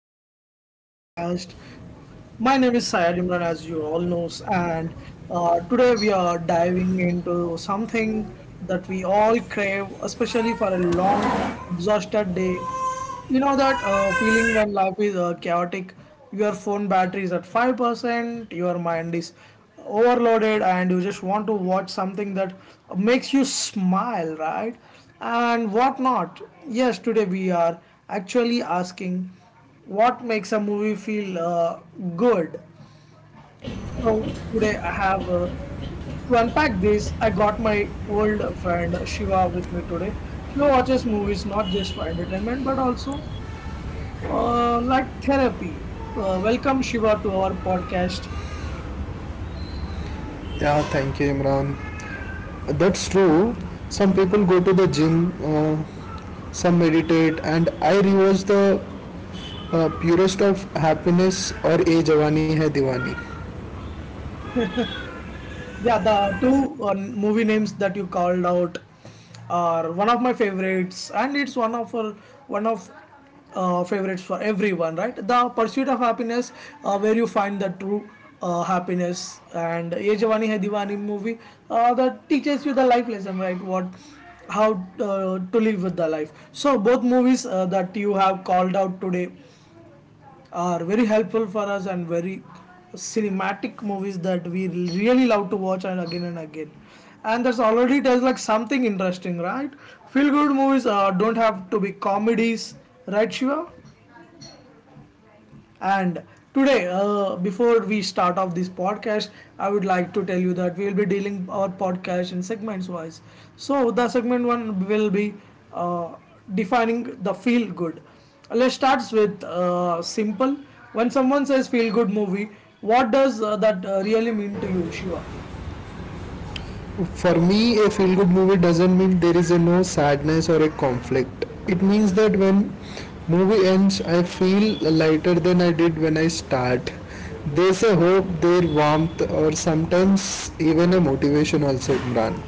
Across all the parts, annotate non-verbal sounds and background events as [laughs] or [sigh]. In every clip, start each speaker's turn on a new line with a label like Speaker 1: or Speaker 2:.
Speaker 1: again to our podcast. My name is Syed Imran, as you all know, and today we are diving into something that we all crave, especially for a long, exhausted day. You know that feeling when life is chaotic, your phone battery is at 5%, your mind is overloaded, and you just want to watch something that makes you smile, right? And what not? Yes, today we are actually asking what makes a movie feel good. So, today I have to unpack this. I got my old friend Shiva with me today. She watches movies not just for entertainment but also like therapy. Welcome Shiva to our podcast.
Speaker 2: Yeah, thank you, Imran. That's true. Some people go to the gym, some meditate, and I rewatch the purest of happiness or A Jawani Hai Diwani.
Speaker 1: Yeah, the two movie names that you called out are one of my favorites, and it's one of favorites for everyone, right? The Pursuit of Happiness, where you find the true happiness, and Ye Jawani Hai Diwani movie that teaches you the life lesson, right? What how to live with the life. So both movies that you have called out today are very helpful for us and very cinematic movies that we really love to watch and again and again, and that's already tells like something interesting, right? Feel good movies don't have to be comedies, right Shiva? And today, before we start off this podcast, I would like to tell you that we will be dealing our podcast in segments wise. So the segment one will be uh, defining the feel good. Let's start with simple. When someone says feel good movie, what does that really mean to you, Shiva?
Speaker 2: For me, a feel good movie doesn't mean there is a no sadness or a conflict. It means that when movie ends, I feel lighter than I did when I start. There's a hope, there warmth, or sometimes even a motivation also, Imran.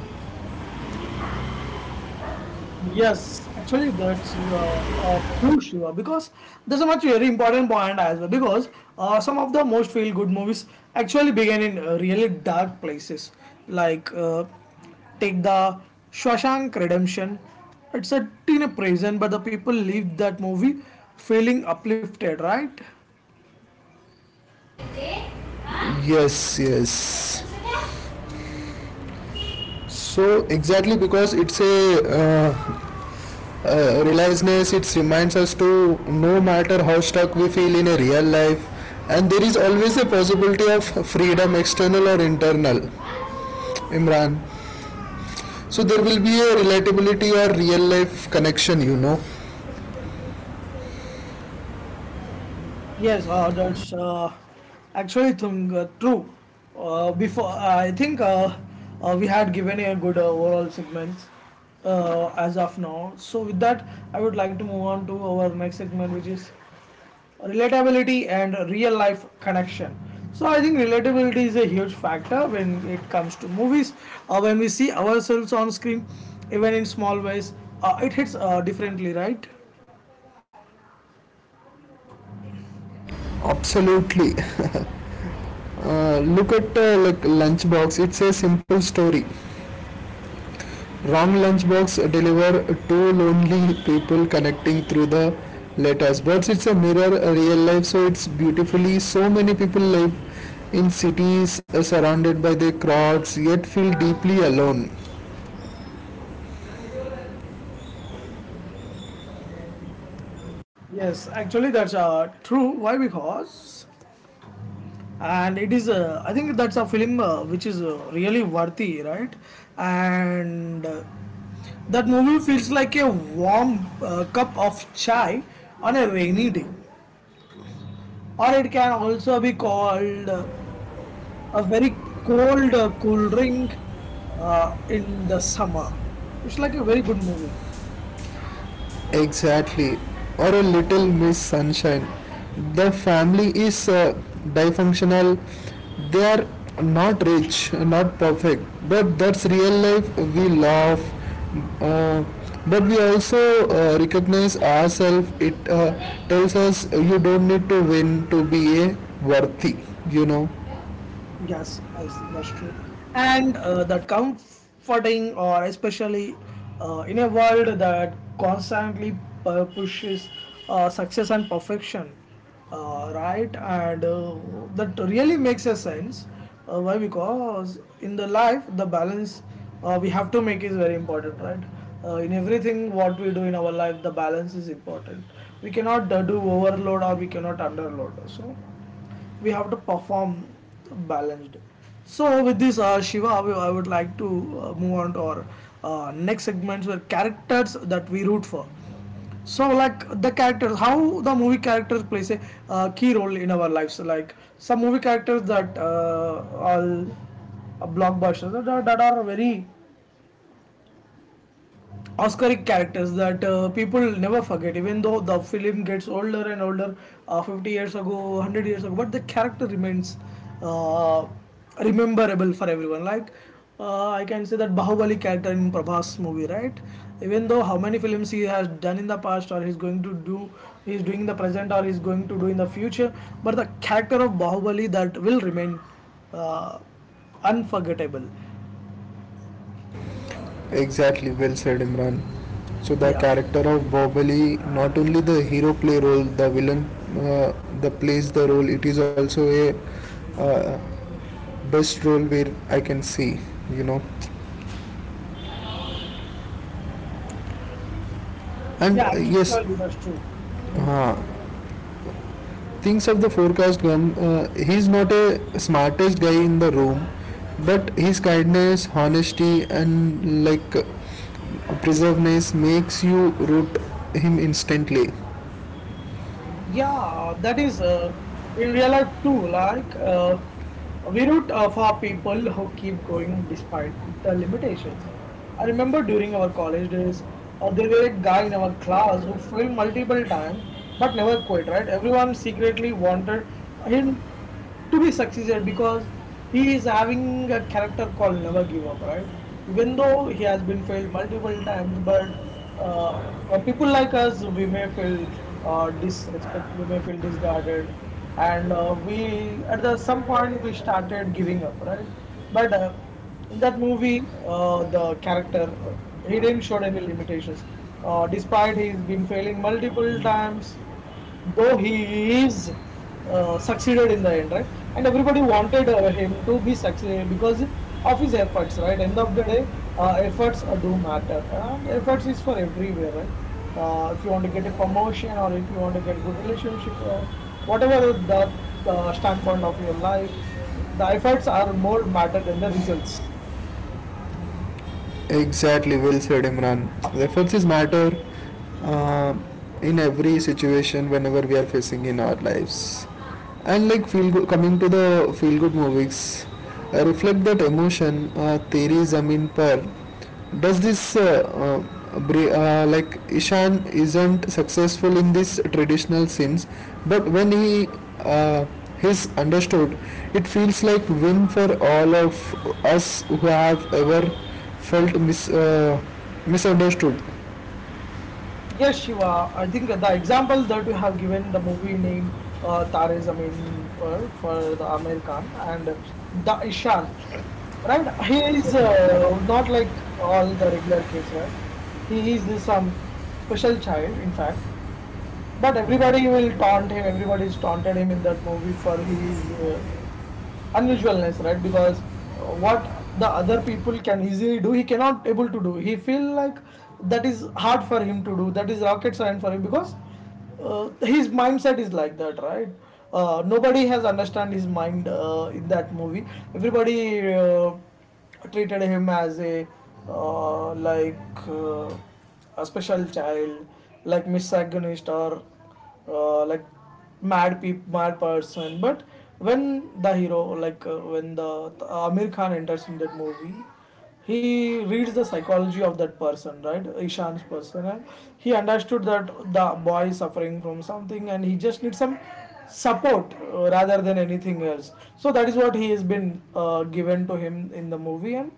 Speaker 1: Yes, actually, that's true, Shiva. Because there's a much very important point as well. Because some of the most feel-good movies actually began in really dark places. Like take the Shawshank Redemption. It's a teen prison, but the people leave that movie feeling uplifted, right?
Speaker 2: Yes, yes. So exactly because it's a realizeness, it reminds us to no matter how stuck we feel in a real life, and there is always a possibility of freedom, external or internal. Imran. So there will be a relatability or real life connection, you know.
Speaker 1: Yes, that's actually thing, true. Before I think we had given a good overall segments as of now. So with that, I would like to move on to our next segment, which is relatability and real life connection. So I think relatability is a huge factor when it comes to movies. When we see ourselves on screen, even in small ways, it hits differently, right?
Speaker 2: Absolutely. [laughs] Look at like lunchbox. It's a simple story. Wrong lunchbox deliver two lonely people connecting through the letters. But it's a mirror, a real life. So it's beautifully. So many people live in cities surrounded by the crowds, yet feel deeply alone.
Speaker 1: Yes, actually that's true. Why? Because and it is I think that's a film which is really worthy, right? And that movie feels like a warm cup of chai on a rainy day, or it can also be called a very cold cool drink in the summer. It's like a very good movie.
Speaker 2: Exactly. Or a little Miss Sunshine. The family is dysfunctional. They are not rich, not perfect, but that's real life. We laugh, uh, but we also recognize ourselves. It tells us you don't need to win to be a worthy, you know.
Speaker 1: Yes, yes, that's true. And that comforting, or especially in a world that constantly pushes success and perfection, right? And that really makes a sense. Why? Because in the life, the balance we have to make is very important, right? In everything what we do in our life, the balance is important. We cannot do overload or we cannot underload. So we have to perform balanced. So with this Shiva, I would like to move on to our next segments where characters that we root for. So like the characters, how the movie characters plays a key role in our lives. Like some movie characters that all blockbusters that are very Oscaric characters that people never forget, even though the film gets older and older, 50 years ago, 100 years ago, but the character remains uh, rememberable for everyone. Like, I can say that Bahubali character in Prabhas movie, right? Even though how many films he has done in the past, or he's going to do, he's doing in the present, or he's going to do in the future, but the character of Bahubali that will remain unforgettable.
Speaker 2: Exactly, well said Imran. So the
Speaker 1: Yeah,
Speaker 2: character of Bahubali, not only the hero play role, the villain uh, the plays the role. It is also a uh, best role where I can see, you know. And
Speaker 1: yeah,
Speaker 2: yes,
Speaker 1: actually, that's true. Hmm.
Speaker 2: things of the forecast gum. He's not a smartest guy in the room, but his kindness, honesty, and like preserveness makes you root him instantly.
Speaker 1: Yeah, that is in real life too. Like we root for people who keep going despite the limitations. I remember during our college days, there were a guy in our class who failed multiple times but never quit. Right? Everyone secretly wanted him to be succeeded because he is having a character called never give up, right? Even though he has been failed multiple times, but uh, people like us, we may feel disrespected, we may feel discarded, and we at the some point we started giving up, right? But in that movie the character he didn't show any limitations despite he's been failing multiple times, though he is succeeded in the end, right? And everybody wanted him to be succeeded because of his efforts, right? End of the day, efforts do matter, and efforts is for everywhere, right? If you want to get a promotion, or if you want to get good relationship, or whatever the standpoint of your life, the efforts are more matter than the results.
Speaker 2: Exactly, well said, Imran. References matter uh, in every situation whenever we are facing in our lives. And like feel good, coming to the feel good movies, reflect that emotion. Teri Zamin Par. Does this like Ishan isn't successful in this traditional scenes, but when he uh, is understood, it feels like win for all of us who have ever felt misunderstood.
Speaker 1: Yes, Shiva. I think the example that you have given, the movie name Tare Zameen Par for the American and the Ishan, right? He is not like all the regular kids, right? He is this, some special child, in fact. But everybody will taunt him. Everybody is taunted him in that movie for his unusualness, right? Because what the other people can easily do, he cannot able to do, he feel like that is hard for him to do, that is rocket science for him because his mindset is like that, right? Nobody has understand his mind in that movie. Everybody treated him as a uh, like uh, a special child, like misogynist or like mad person. But when the hero, like when the Amir Khan enters in that movie, he reads the psychology of that person, right? Ishan's person. And he understood that the boy is suffering from something and he just needs some support rather than anything else. So that is what he has been given to him in the movie, and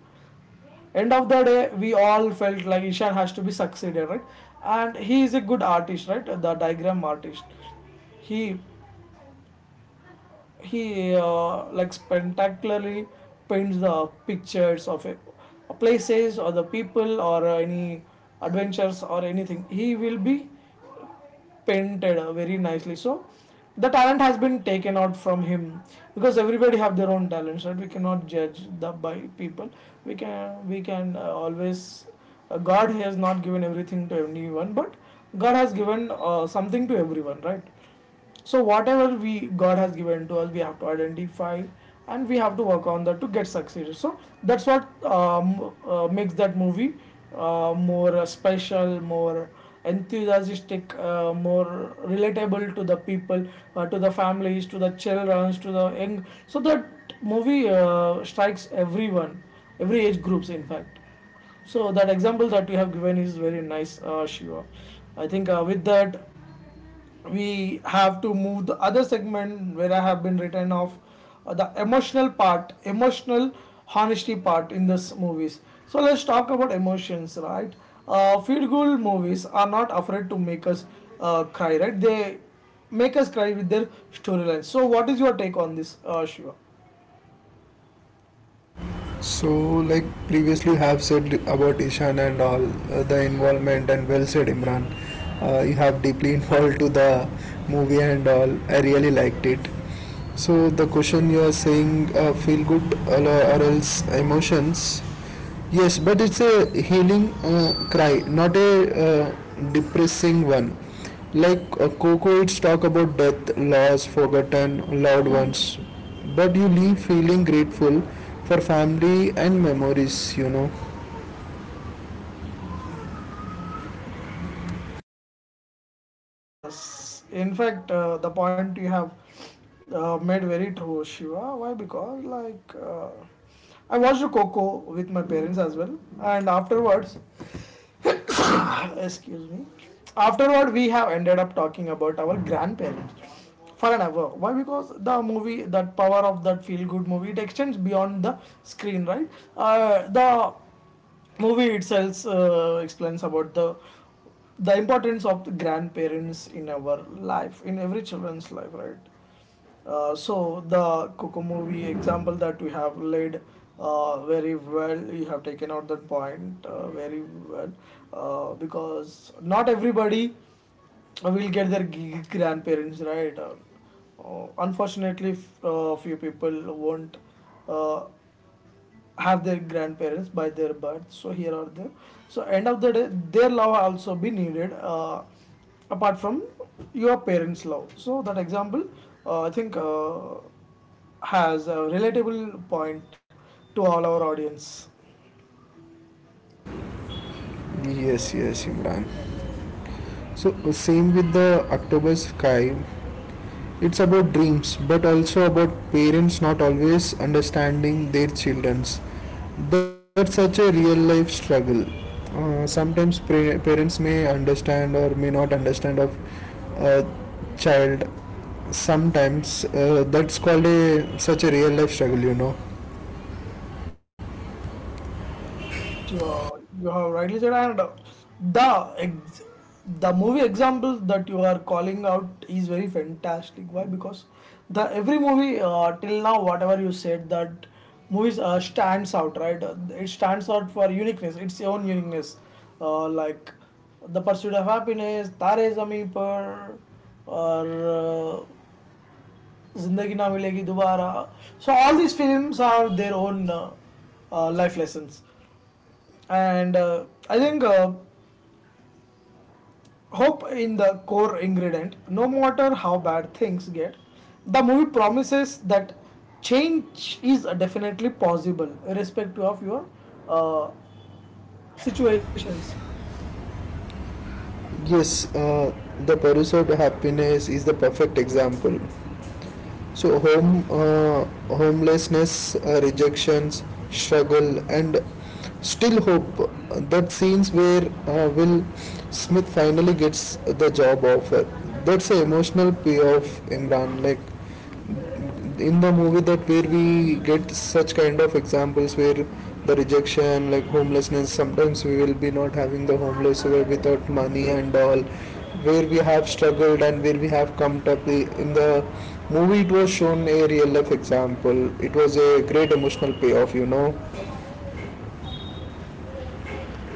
Speaker 1: end of the day we all felt like Ishan has to be succeeded, right? And he is a good artist, right? The diagram artist. he he like spectacularly paints the pictures of it, places or the people or any adventures, or anything he will be painted very nicely. So the talent has been taken out from him because everybody have their own talents, right? We cannot judge the by people. We can always god has not given everything to anyone, but god has given something to everyone, right? So whatever we god has given to us, we have to identify and we have to work on that to get succeeded. So that's what makes that movie more special, more enthusiastic, more relatable to the people, to the families, to the children, to the young. So that movie strikes everyone, every age groups, in fact. So that example that you have given is very nice, Shiva. I think with that we have to move the other segment where I have been written off the emotional part, emotional honesty part in this movies. So let's talk about emotions, right? Feel good movies are not afraid to make us cry, right? They make us cry with their storylines. So what is your take on this, Shiva?
Speaker 2: So, like previously you have said about Ishan and all the involvement, and well said, Imran. You have deeply [laughs] involved to the movie and all. I really liked it. So, the question you are saying, feel good or else emotions. Yes, but it's a healing cry, not a depressing one. Like Coco, it's talk about death, loss, forgotten, loved ones. But you leave feeling grateful for family and memories, you know.
Speaker 1: Yes, in fact, the point you have made very true, Shiva. Why? Because like. I watched Coco with my parents as well, and afterwards, [coughs] [sighs] excuse me, afterward we have ended up talking about our grandparents for an hour. Why? Because the movie, that power of that feel good movie, it extends beyond the screen, right? The movie itself explains about the importance of the grandparents in our life, in every children's life, right? So the Coco movie example that we have laid very well, you have taken out that point very well because not everybody will get their grandparents, right. Unfortunately, few people won't uh, have their grandparents by their birth, so here are there, so end of the day their love also be needed apart from your parents love. So that example I think has a relatable point to all our audience.
Speaker 2: Yes, yes, Imran. So same with the October sky. It's about dreams, but also about parents not always understanding their children's. That's such a real life struggle. Sometimes parents may understand or may not understand of a child. Sometimes that's called a such a real life struggle, you know.
Speaker 1: Yes, you have rightly said, and the ex- the movie example that you are calling out is very fantastic. Why? Because the every movie till now, whatever you said, that movies stands out, right? It stands out for uniqueness, its own uniqueness, like the pursuit of happiness, Tare Zami Par, or Zindagi Na Milegi Dobara. So all these films have their own life lessons and I think hope in the core ingredient, no matter how bad things get, the movie promises that change is definitely possible irrespective of your uh, situations.
Speaker 2: Yes, the pursuit of happiness is the perfect example. So homelessness, rejections, struggle, and still hope. That scenes where Will Smith finally gets the job offer. That's the emotional payoff, Imran. Like in the movie that where we get such kind of examples where the rejection like homelessness sometimes we will be not having the homeless who are without money and all where we have struggled and where we have come up in the movie it was shown a real life example it was a great emotional payoff you know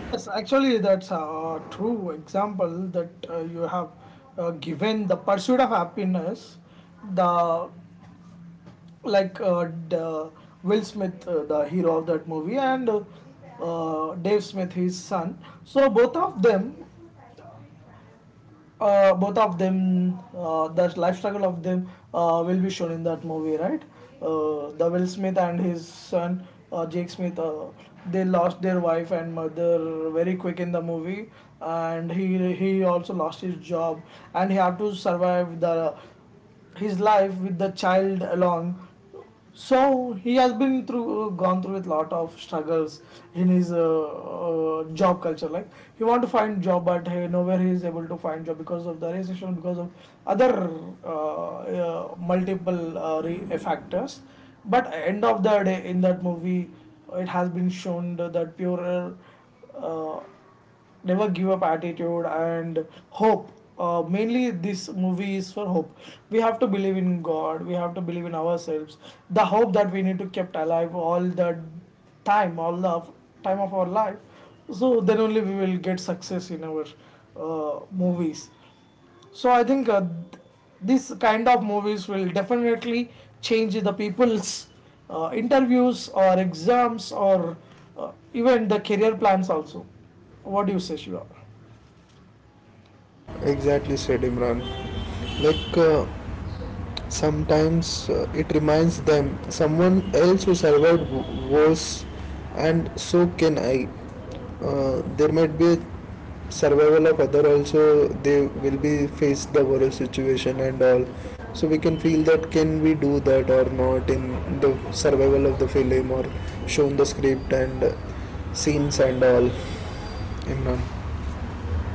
Speaker 1: Yes, actually, that's a true example that you have given, the pursuit of happiness. the like uh, d- uh, Will Smith, the hero of that movie, and Dave Smith, his son. So both of them, the life struggle of them will be shown in that movie, right? The Will Smith and his son, Jake Smith, they lost their wife and mother very quick in the movie, and he also lost his job, and he had to survive the his life with the child along. So he has been through, gone through with lot of struggles in his job culture. Like, he want to find job, but hey, nowhere he is able to find job because of the recession, because of other uh, multiple factors. But end of the day, in that movie, it has been shown that pure uh, never give up attitude and hope. Mainly this movie is for hope. We have to believe in god, we have to believe in ourselves. The hope that we need to kept alive all the time, all the time of our life, so then only we will get success in our movies. So I think this kind of movies will definitely change the people's interviews or exams or even the career plans also. What do you say, Shiva?
Speaker 2: exactly said imran like sometimes it reminds them someone else who survived wars, and so can I. There might be a survival of other also. They will be face the war situation and all. So we can feel that can we do that or not in the survival of the film or shown the script and scenes and all. Imran, one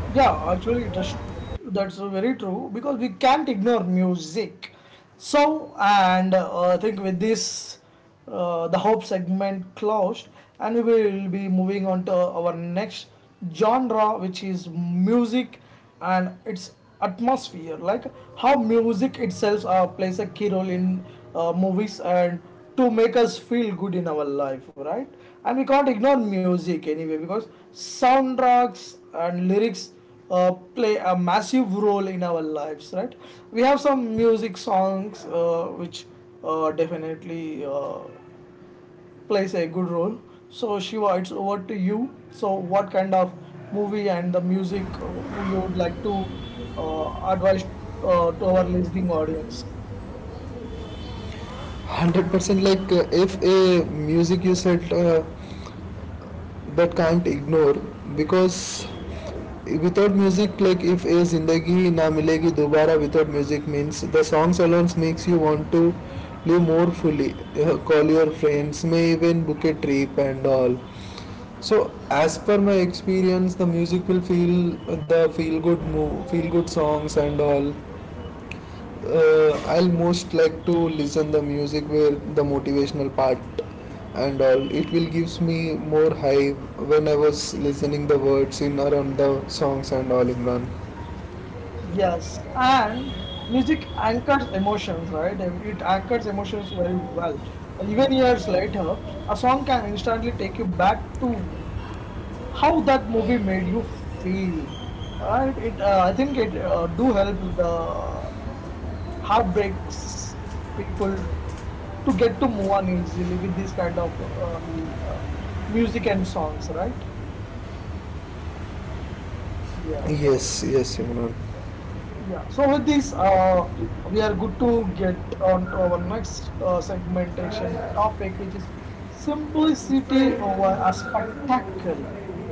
Speaker 1: Yeah, actually, that's very true because we can't ignore music. So, and I think with this, the hope segment closed, and we will be moving on to our next genre, which is music and its atmosphere, like how music itself plays a key role in movies and to make us feel good in our life, right? And we can't ignore music anyway because soundtracks and lyrics play a massive role in our lives, right? We have some music songs which definitely plays a good role. So Shiva, it's over to you. So what kind of movie and the music you would like to advise to our listening audience?
Speaker 2: hundred percent. Like if a music you said that can't ignore because without music like if a zindagi na milegi dobara without music means the songs alone makes you want to live more fully. Call your friends may even book a trip and all so as per my experience the music will feel the feel good move feel good songs and all I'll most like to listen the music where the motivational part and all it will gives me more high when I was listening the words in around the songs and all imran.
Speaker 1: Yes, and music anchors emotions, right? It anchors emotions very well. Even years later, a song can instantly take you back to how that movie made you feel. Right? It I think it do help the heartbreaks people to get to move on easily with this kind of music and songs, right? Yeah.
Speaker 2: Yes, yes, Imran.
Speaker 1: Yeah, so with this, we are good to get on to our next segmentation topic, which is simplicity over a spectacle.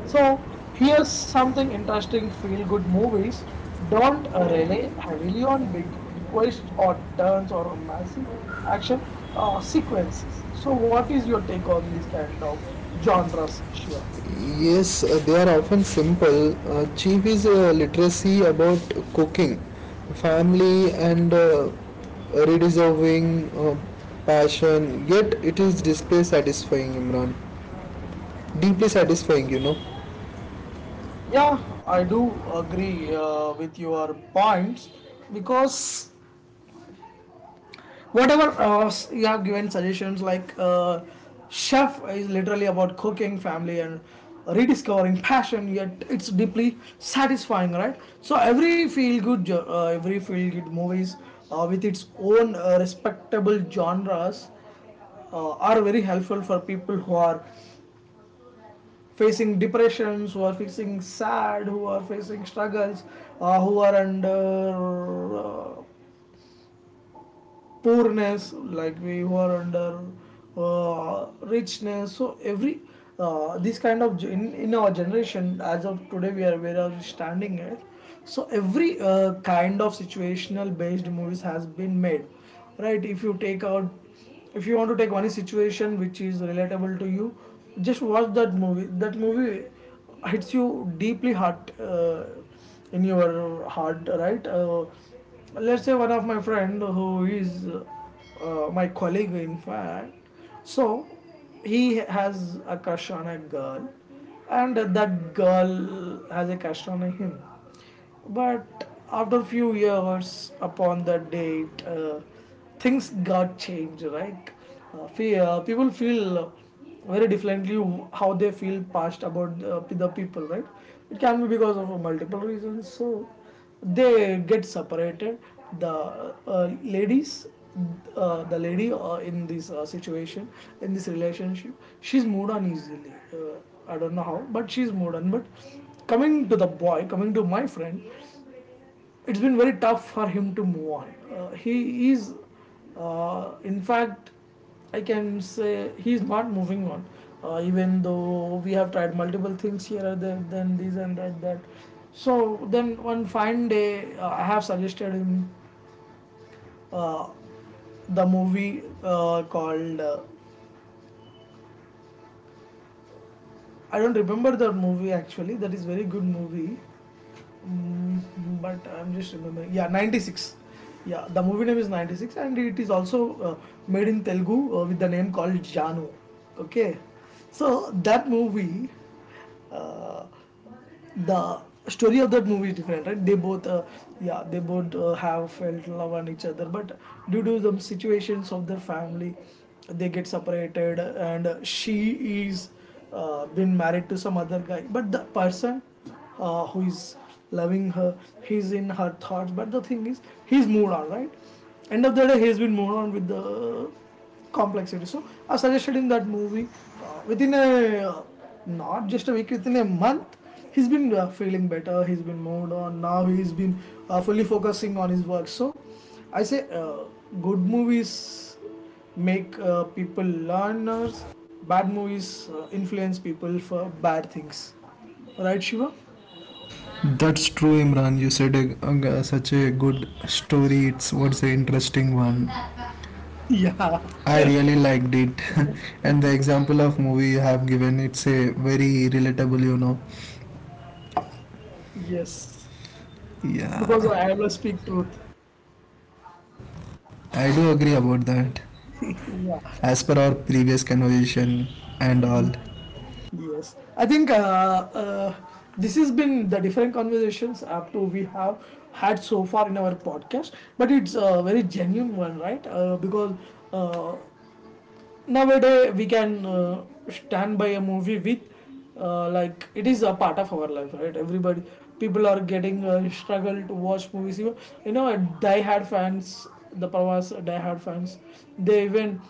Speaker 1: So, here's something interesting. Feel good movies don't rely heavily on big twists or turns or massive action sequences. So, what is your take on this kind of genres, Shiva?
Speaker 2: Yes, they are often simple. Chief is literacy about cooking, family, and redeserving passion. Yet it is display satisfying, Imran. Deeply satisfying, you know.
Speaker 1: Yeah, I do agree with your points because whatever you have given suggestions, like chef is literally about cooking, family, and rediscovering passion, yet it's deeply satisfying, right? So every feel good every feel good movies with its own respectable genres are very helpful for people who are facing depressions, who are facing sad, who are facing struggles, who are under uh, poorness, like we were under uh, richness. So every this kind of in our generation, as of today, we are, where are we standing at? So every kind of situational based movies has been made, right? If you take out, if you want to take one situation which is relatable to you, just watch that movie. That movie hits you deeply heart in your heart, right? Let's say one of my friend who is my colleague, in fact. So he has a crush on a girl, and that girl has a crush on him. But after few years upon that date, things got changed, right? People feel very differently how they feel past about the people, right? It can be because of multiple reasons. So they get separated. the uh, ladies the lady in this situation, in this relationship, she's moved on easily. I don't know how, but she's moved on. But coming to the boy, coming to my friend, it's been very tough for him to move on. He is, in fact, I can say he's not moving on. Even though we have tried multiple things here or there, then this and that, that. So then one fine day, I have suggested him uh, the movie called. I don't remember the movie actually. That is very good movie. Mm, but I'm just remembering. Yeah, 96. Yeah, the movie name is 96 and it is also made in Telugu with the name called Janu. Okay. So that movie, uh, the story of that movie is different, right? they both Yeah, they both have felt love on each other, but due to the situations of their family, they get separated, and she is been married to some other guy, but the person who is loving her, he's in her thoughts. But the thing is, he's moved on, right? End of the day, he's been moved on with the complexity. So I suggested in that movie, within a, uh, not just a week, within a month, he's been feeling better, he's been moved on. Now he's been fully focusing on his work. So I say, good movies make people learners, bad movies influence people for bad things, right, Shiva?
Speaker 2: That's true, Imran. You said such a good story. It's what's an interesting one.
Speaker 1: [laughs] Yeah,
Speaker 2: I really liked it, [laughs] and the example of movie you have given, it's a very relatable, you know.
Speaker 1: yes. Because I
Speaker 2: Yeah,
Speaker 1: have to speak truth.
Speaker 2: I do agree about that.
Speaker 1: [laughs] Yeah,
Speaker 2: As per our previous conversation and all.
Speaker 1: yes. I think this has been the different conversations up to we have had so far in our podcast, but it's a very genuine one, right? Because uh, nowadays we can stand by a movie with, like, it is a part of our life, right? Everybody, people are getting struggle to watch movies. Even, you know, die hard fans, the Pravas die hard fans, they even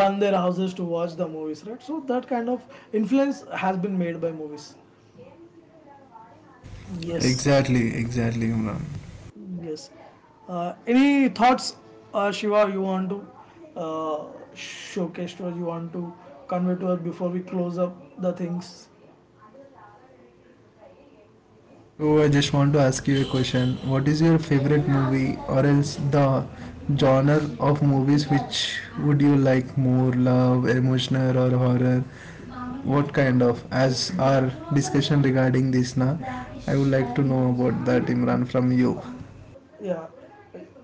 Speaker 1: burn their houses to watch the movies, right? So that kind of influence has been made by movies. Yes,
Speaker 2: Exactly, exactly, Imran.
Speaker 1: yes. Any thoughts, Shiva, you want to showcase to us, you want to convey to us before we close up the things?
Speaker 2: So I just want to ask you a question. What is your favorite movie or else the genre of movies which would you like more love, emotional or horror? What kind of as our discussion regarding this na? I would like to know about that Imran from you.
Speaker 1: Yeah.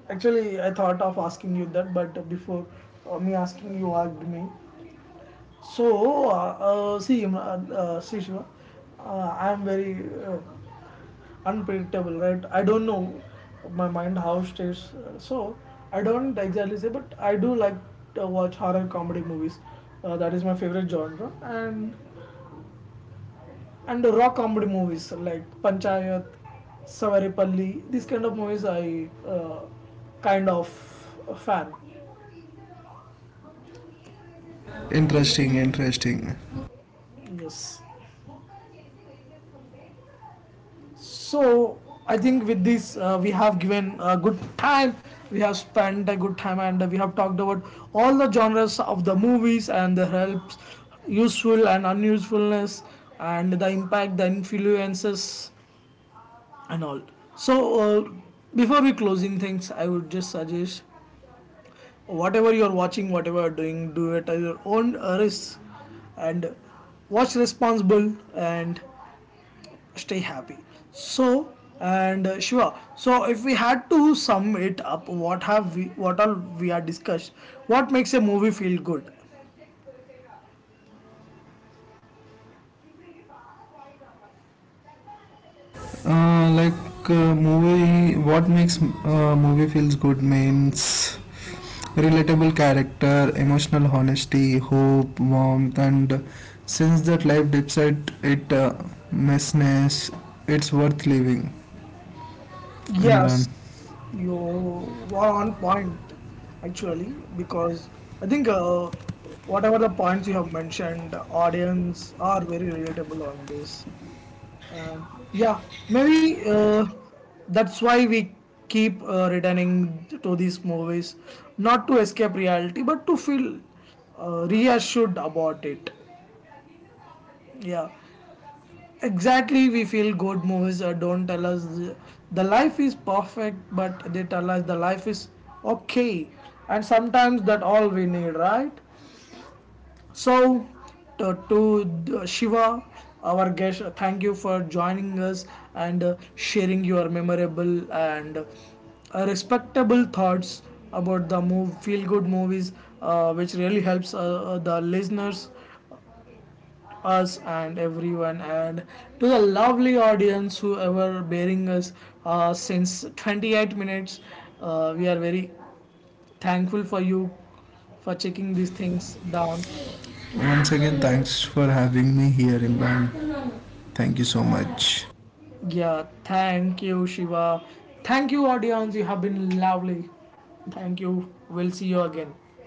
Speaker 1: Actually, I thought of asking you that, but before me asking, you asked me. So, see, see, Shiva, I am very unpredictable, right? I don't know my mind how stays. So I don't exactly say, but I do like to watch horror comedy movies. That is my favorite genre, and the raw comedy movies like Panchayat, Savaripalli. These kind of movies I kind of fan.
Speaker 2: Interesting, interesting.
Speaker 1: Yes. So I think with this we have given a good time. We have spent a good time and we have talked about all the genres of the movies and the helps, useful and unusefulness, and the impact, the influences, and all. So uh, before we closing things, I would just suggest, whatever you are watching, whatever you are doing, do it at your own risk, and watch responsible and stay happy. So and sure. So if we had to sum it up, what have we, what all we are discussed? What makes a movie feel good?
Speaker 2: Like movie, what makes movie feels good means relatable character, emotional honesty, hope, warmth, and since that life dips at it messiness, it's worth living. Imran,
Speaker 1: Yes, you were on point, actually, because I think whatever the points you have mentioned, audience are very relatable on this. Uh, yeah, maybe that's why we keep returning to these movies, not to escape reality, but to feel reassured about it. Yeah, exactly. We feel good movies don't tell us the life is perfect, but they tell us the life is okay, and sometimes that all we need, right? So, to, to Shiva, our guest, thank you for joining us and sharing your memorable and respectable thoughts about the move, feel good movies, which really helps the listeners, us, and everyone. And to the lovely audience who ever bearing us since 28 minutes, we are very thankful for you for checking these things down.
Speaker 2: once again, thanks for having me here, Imran. Thank you so much.
Speaker 1: Yeah, thank you, Shiva. Thank you, audience. You have been lovely. Thank you. We'll see you again.